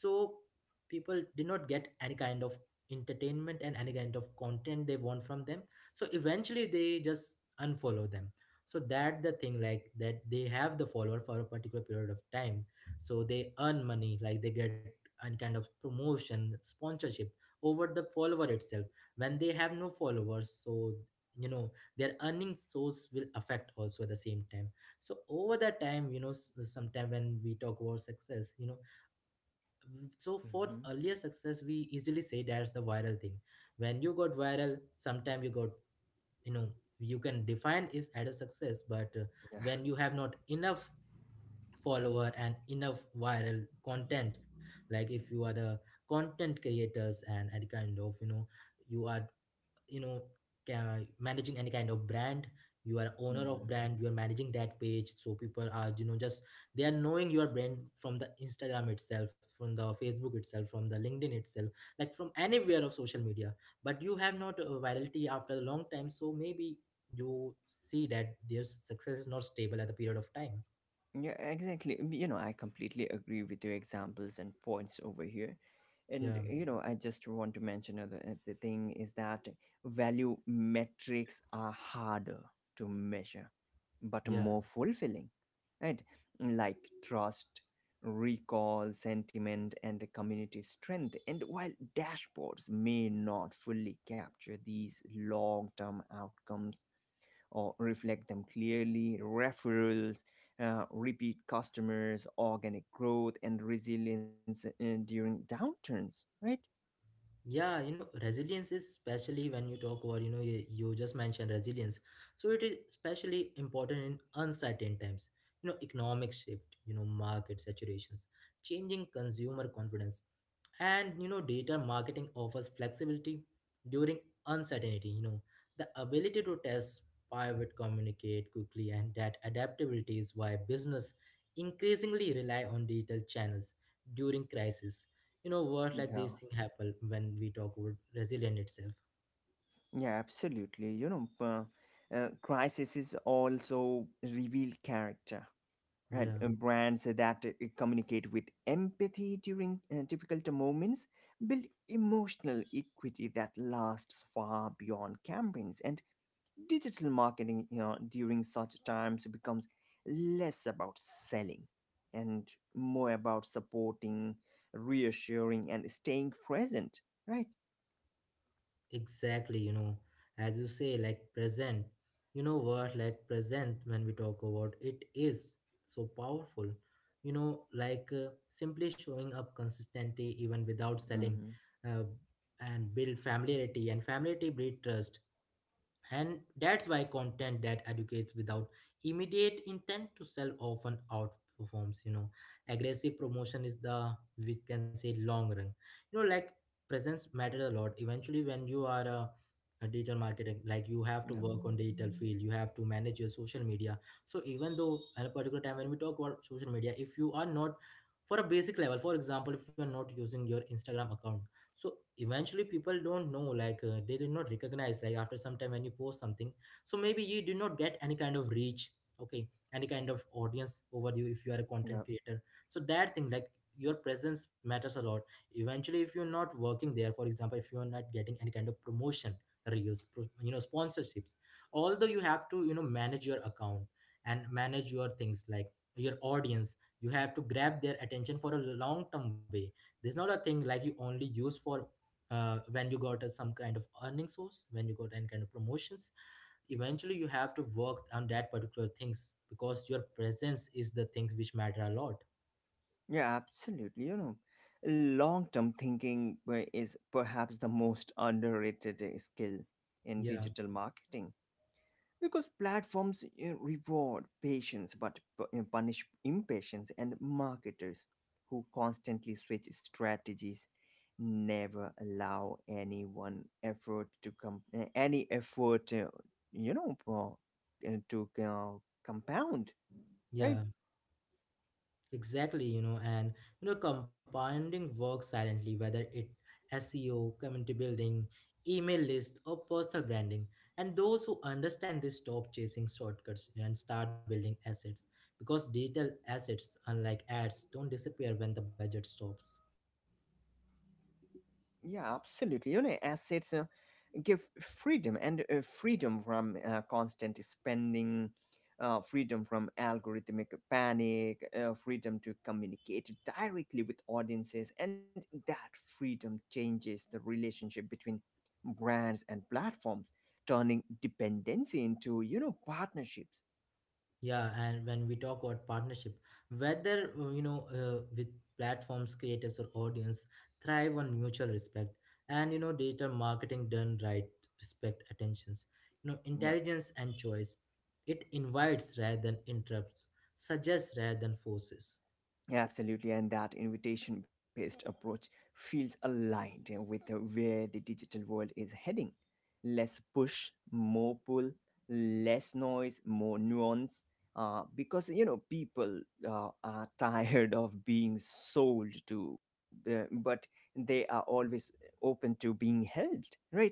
[SPEAKER 1] people did not get any kind of entertainment and any kind of content they want from them, so eventually they just unfollow them. So that the thing like that they have the follower for a particular period of time, so they earn money, like they get any kind of promotion, sponsorship over the follower itself. When they have no followers, so you know, their earning source will affect also at the same time. So over that time, you know, sometime when we talk about success, you know, so for
[SPEAKER 2] Mm-hmm.
[SPEAKER 1] earlier success we easily say that's the viral thing. When you got viral sometime, you got, you know, you can define is at a success, but
[SPEAKER 2] Yeah.
[SPEAKER 1] when you have not enough follower and enough viral content, like if you are the content creators and any kind of, you know, you are, you know, managing any kind of brand, you are owner of
[SPEAKER 2] Mm-hmm.
[SPEAKER 1] brand, you are managing that page, so people are, you know, just they are knowing your brand from the instagram itself, from the facebook itself, from the linkedin itself, like from anywhere of social media, but you have not virality after a long time, so maybe you see that their success is not stable at the period of time.
[SPEAKER 2] Yeah, exactly. You know, I completely agree with your examples and points over here.
[SPEAKER 1] yeah
[SPEAKER 2] And, you know, I just want to mention other, the thing is that value metrics are harder to measure, but
[SPEAKER 1] yeah
[SPEAKER 2] more fulfilling, right? Like trust, recall, sentiment, and community strength. And while dashboards may not fully capture these long term outcomes, or reflect them clearly. Referrals, repeat customers, organic growth, and resilience during downturns, right?
[SPEAKER 1] yeah You know, resilience is especially when you talk about, you know, you just mentioned resilience, so it is especially important in uncertain times, you know, economic shift, you know, market saturations, changing consumer confidence, and you know, data marketing offers flexibility during uncertainty. You know, the ability to test, pivot, communicate quickly, and that adaptability is why business increasingly rely on digital channels during crisis. You know what, like
[SPEAKER 2] Yeah,
[SPEAKER 1] these things happen when we talk about resilient itself.
[SPEAKER 2] yeah, absolutely. You know, crises also reveal character, right?
[SPEAKER 1] Yeah.
[SPEAKER 2] Brands that communicate with empathy during difficult moments build emotional equity that lasts far beyond campaigns. And digital marketing, you know, during such times becomes less about selling, and more about supporting, reassuring, and staying present, right?
[SPEAKER 1] Exactly, you know, as you say, like present, you know what, like present, when we talk about it is so powerful, you know, like simply showing up consistently even without selling,
[SPEAKER 2] Mm-hmm.
[SPEAKER 1] uh, and build familiarity, and familiarity breed trust. And that's why content that educates without immediate intent to sell often outperforms, you know. Aggressive promotion is the, we can say, long run. You know, like presence mattered a lot eventually when you are a digital marketing, like you have to
[SPEAKER 2] Yeah,
[SPEAKER 1] work on digital field, you have to manage your social media. So even though at a particular time when we talk about social media, if you are not for a basic level, for example, if you are not using your instagram account, so eventually people don't know, like they did not recognize, like after some time when you post something, so maybe you do not get any kind of reach, okay, any kind of audience over you if you are a content
[SPEAKER 2] yeah,
[SPEAKER 1] creator. So that thing like your presence matters a lot eventually. If you're not working there, for example, if you're not getting any kind of promotion, reels, you know, sponsorships, although you have to, you know, manage your account and manage your things, like your audience, you have to grab their attention for a long term way. There's not a thing like you only use for when you got some kind of earning source, when you got any kind of promotions, eventually you have to work on that particular things, because your presence is the things which matter a lot.
[SPEAKER 2] yeah, absolutely. You know, long term thinking is perhaps the most underrated skill in
[SPEAKER 1] Yeah.
[SPEAKER 2] digital marketing. Because platforms reward patience but punish impatience, and marketers who constantly switch strategies never allow anyone effort to come any effort, you know to compound, right?
[SPEAKER 1] yeah Exactly, you know, and you know, compounding work silently, whether it SEO, community building, email list, or personal branding. And those who understand this stop chasing shortcuts and start building assets, because digital assets, unlike ads, don't disappear when the budget stops.
[SPEAKER 2] Yeah, absolutely. You know, assets give freedom, and freedom from constant spending, freedom from algorithmic panic, freedom to communicate directly with audiences, and that freedom changes the relationship between brands and platforms, turning dependency into, you know, partnerships.
[SPEAKER 1] Yeah, and when we talk about partnership, whether you know with platforms, creators, or audience, thrive on mutual respect, and you know, data marketing done right, respect attentions, you know,
[SPEAKER 2] Yeah.
[SPEAKER 1] intelligence and choice. It invites rather than interrupts, suggests rather than forces.
[SPEAKER 2] Absolutely, and that invitation based approach feels aligned with where the digital world is heading. Less push, more pull, less noise, more nuance. Because you know people are tired of being sold to, but they are always open to being helped, right?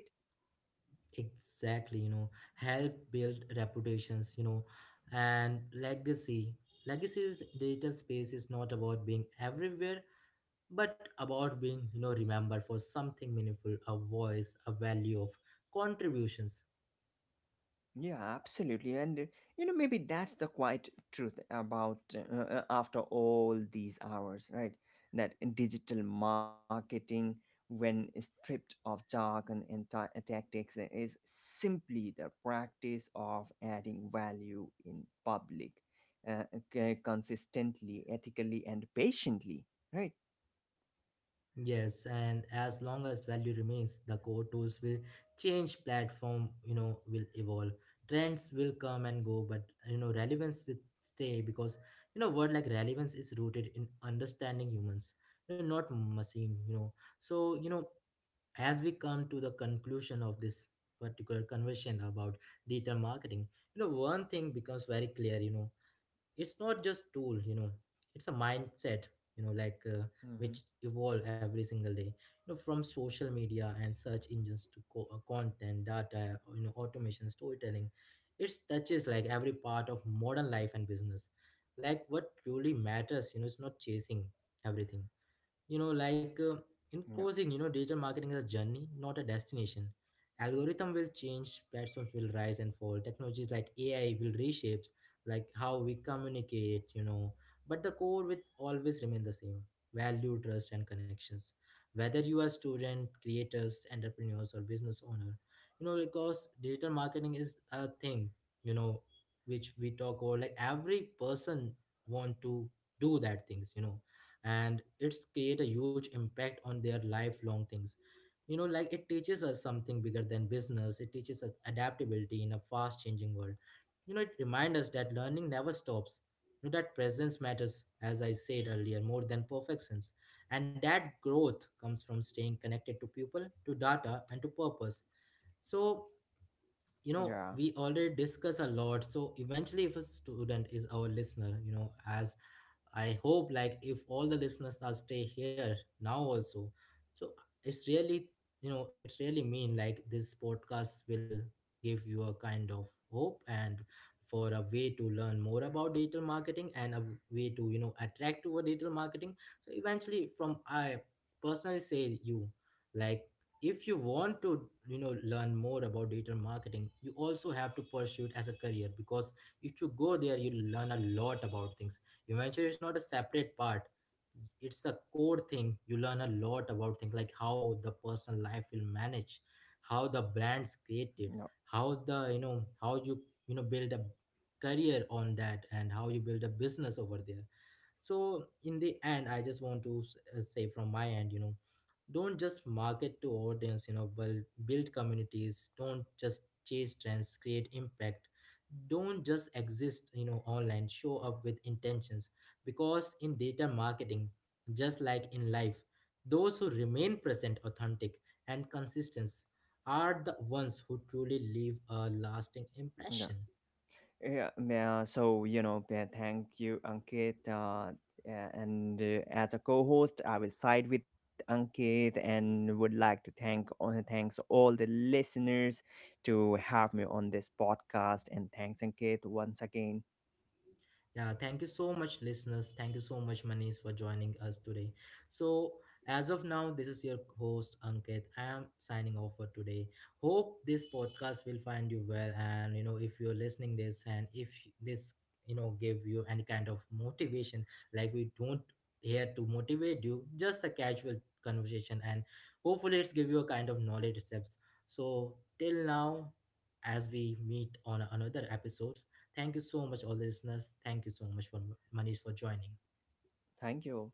[SPEAKER 1] Exactly, you know, help build reputations, you know, and legacy. Legacy is digital space is not about being everywhere but about being, you know, remembered for something meaningful, a voice, a value of contributions.
[SPEAKER 2] Yeah, absolutely. And you know, maybe that's the quiet truth about after all these hours, right? That in digital marketing, when stripped of jargon and tactics, is simply the practice of adding value in public, uh, consistently, ethically, and patiently, right?
[SPEAKER 1] Yes, and as long as value remains the core, tools will change, platform, you know, will evolve, trends will come and go, but you know, relevance will stay, because you know, word like relevance is rooted in understanding humans, you know, not machine. You know, so you know, as we come to the conclusion of this particular conversation about digital marketing, you know, one thing becomes very clear, you know, it's not just tool, you know, it's a mindset, you know, like
[SPEAKER 2] Mm-hmm.
[SPEAKER 1] which evolve every single day, you know, from social media and search engines to content, data, you know, automation, storytelling, it touches like every part of modern life and business. Like, what truly matters, you know, it's not chasing everything, you know, like in
[SPEAKER 2] Yeah.
[SPEAKER 1] closing, you know, digital marketing is a journey, not a destination. Algorithm will change, platforms will rise and fall, technologies like AI will reshape like how we communicate, you know, but the core will always remain the same: value, trust, and connections. Whether you are student, creators, entrepreneurs, or business owner, you know, because digital marketing is a thing, you know, which we talk about, like every person want to do that things, you know, and it's create a huge impact on their lifelong things. You know, like it teaches us something bigger than business, it teaches us adaptability in a fast changing world. You know, it reminds us that learning never stops, you know, that presence matters, as I said earlier, more than perfections, and that growth comes from staying connected to people, to data, and to purpose. So, you know,
[SPEAKER 2] Yeah.
[SPEAKER 1] we already discuss a lot, so eventually if a student is our listener, you know, has I hope, like if all the listeners are stay here now also. So it's really, you know, it's really mean like this podcast will give you a kind of hope and for a way to learn more about digital marketing and a way to, you know, attract toward digital marketing. So eventually from I personally say you, like if you want to, you know, learn more about digital marketing, you also have to pursue it as a career, because if you go there you learn a lot about things. Eventually, it's not a separate part. It's a core thing. You learn a lot about things like how the personal life will manage, how the brand's created,
[SPEAKER 2] Yeah.
[SPEAKER 1] how the, you know, how you, you know, build a career on that, and how you build a business over there. So in the end, I just want to say from my end, you know, don't just market to audience, you know, but build communities, don't just chase trends, create impact, don't just exist, you know, online, show up with intentions, because in data marketing, just like in life, those who remain present, authentic, and consistent are the ones who truly leave a lasting
[SPEAKER 2] Yeah.
[SPEAKER 1] impression.
[SPEAKER 2] Yeah, thank you, Ankit. Yeah, and as a co-host, I will side with Ankit and would like to thanks all the listeners to have me on this podcast. And thanks, Ankit, once again.
[SPEAKER 1] Yeah, thank you so much, listeners. Thank you so much, Manish, for joining us today. So, as of now, this is your host, Ankit. I am signing off for today. Hope this podcast will find you well. And, you know, if you're listening this and if this, you know, give you any kind of motivation, like we don't here to motivate you, just a casual conversation. And hopefully it's give you a kind of knowledge steps. So, till now, as we meet on another episode, thank you so much, all the listeners. Thank you so much for Manish for joining.
[SPEAKER 2] Thank you.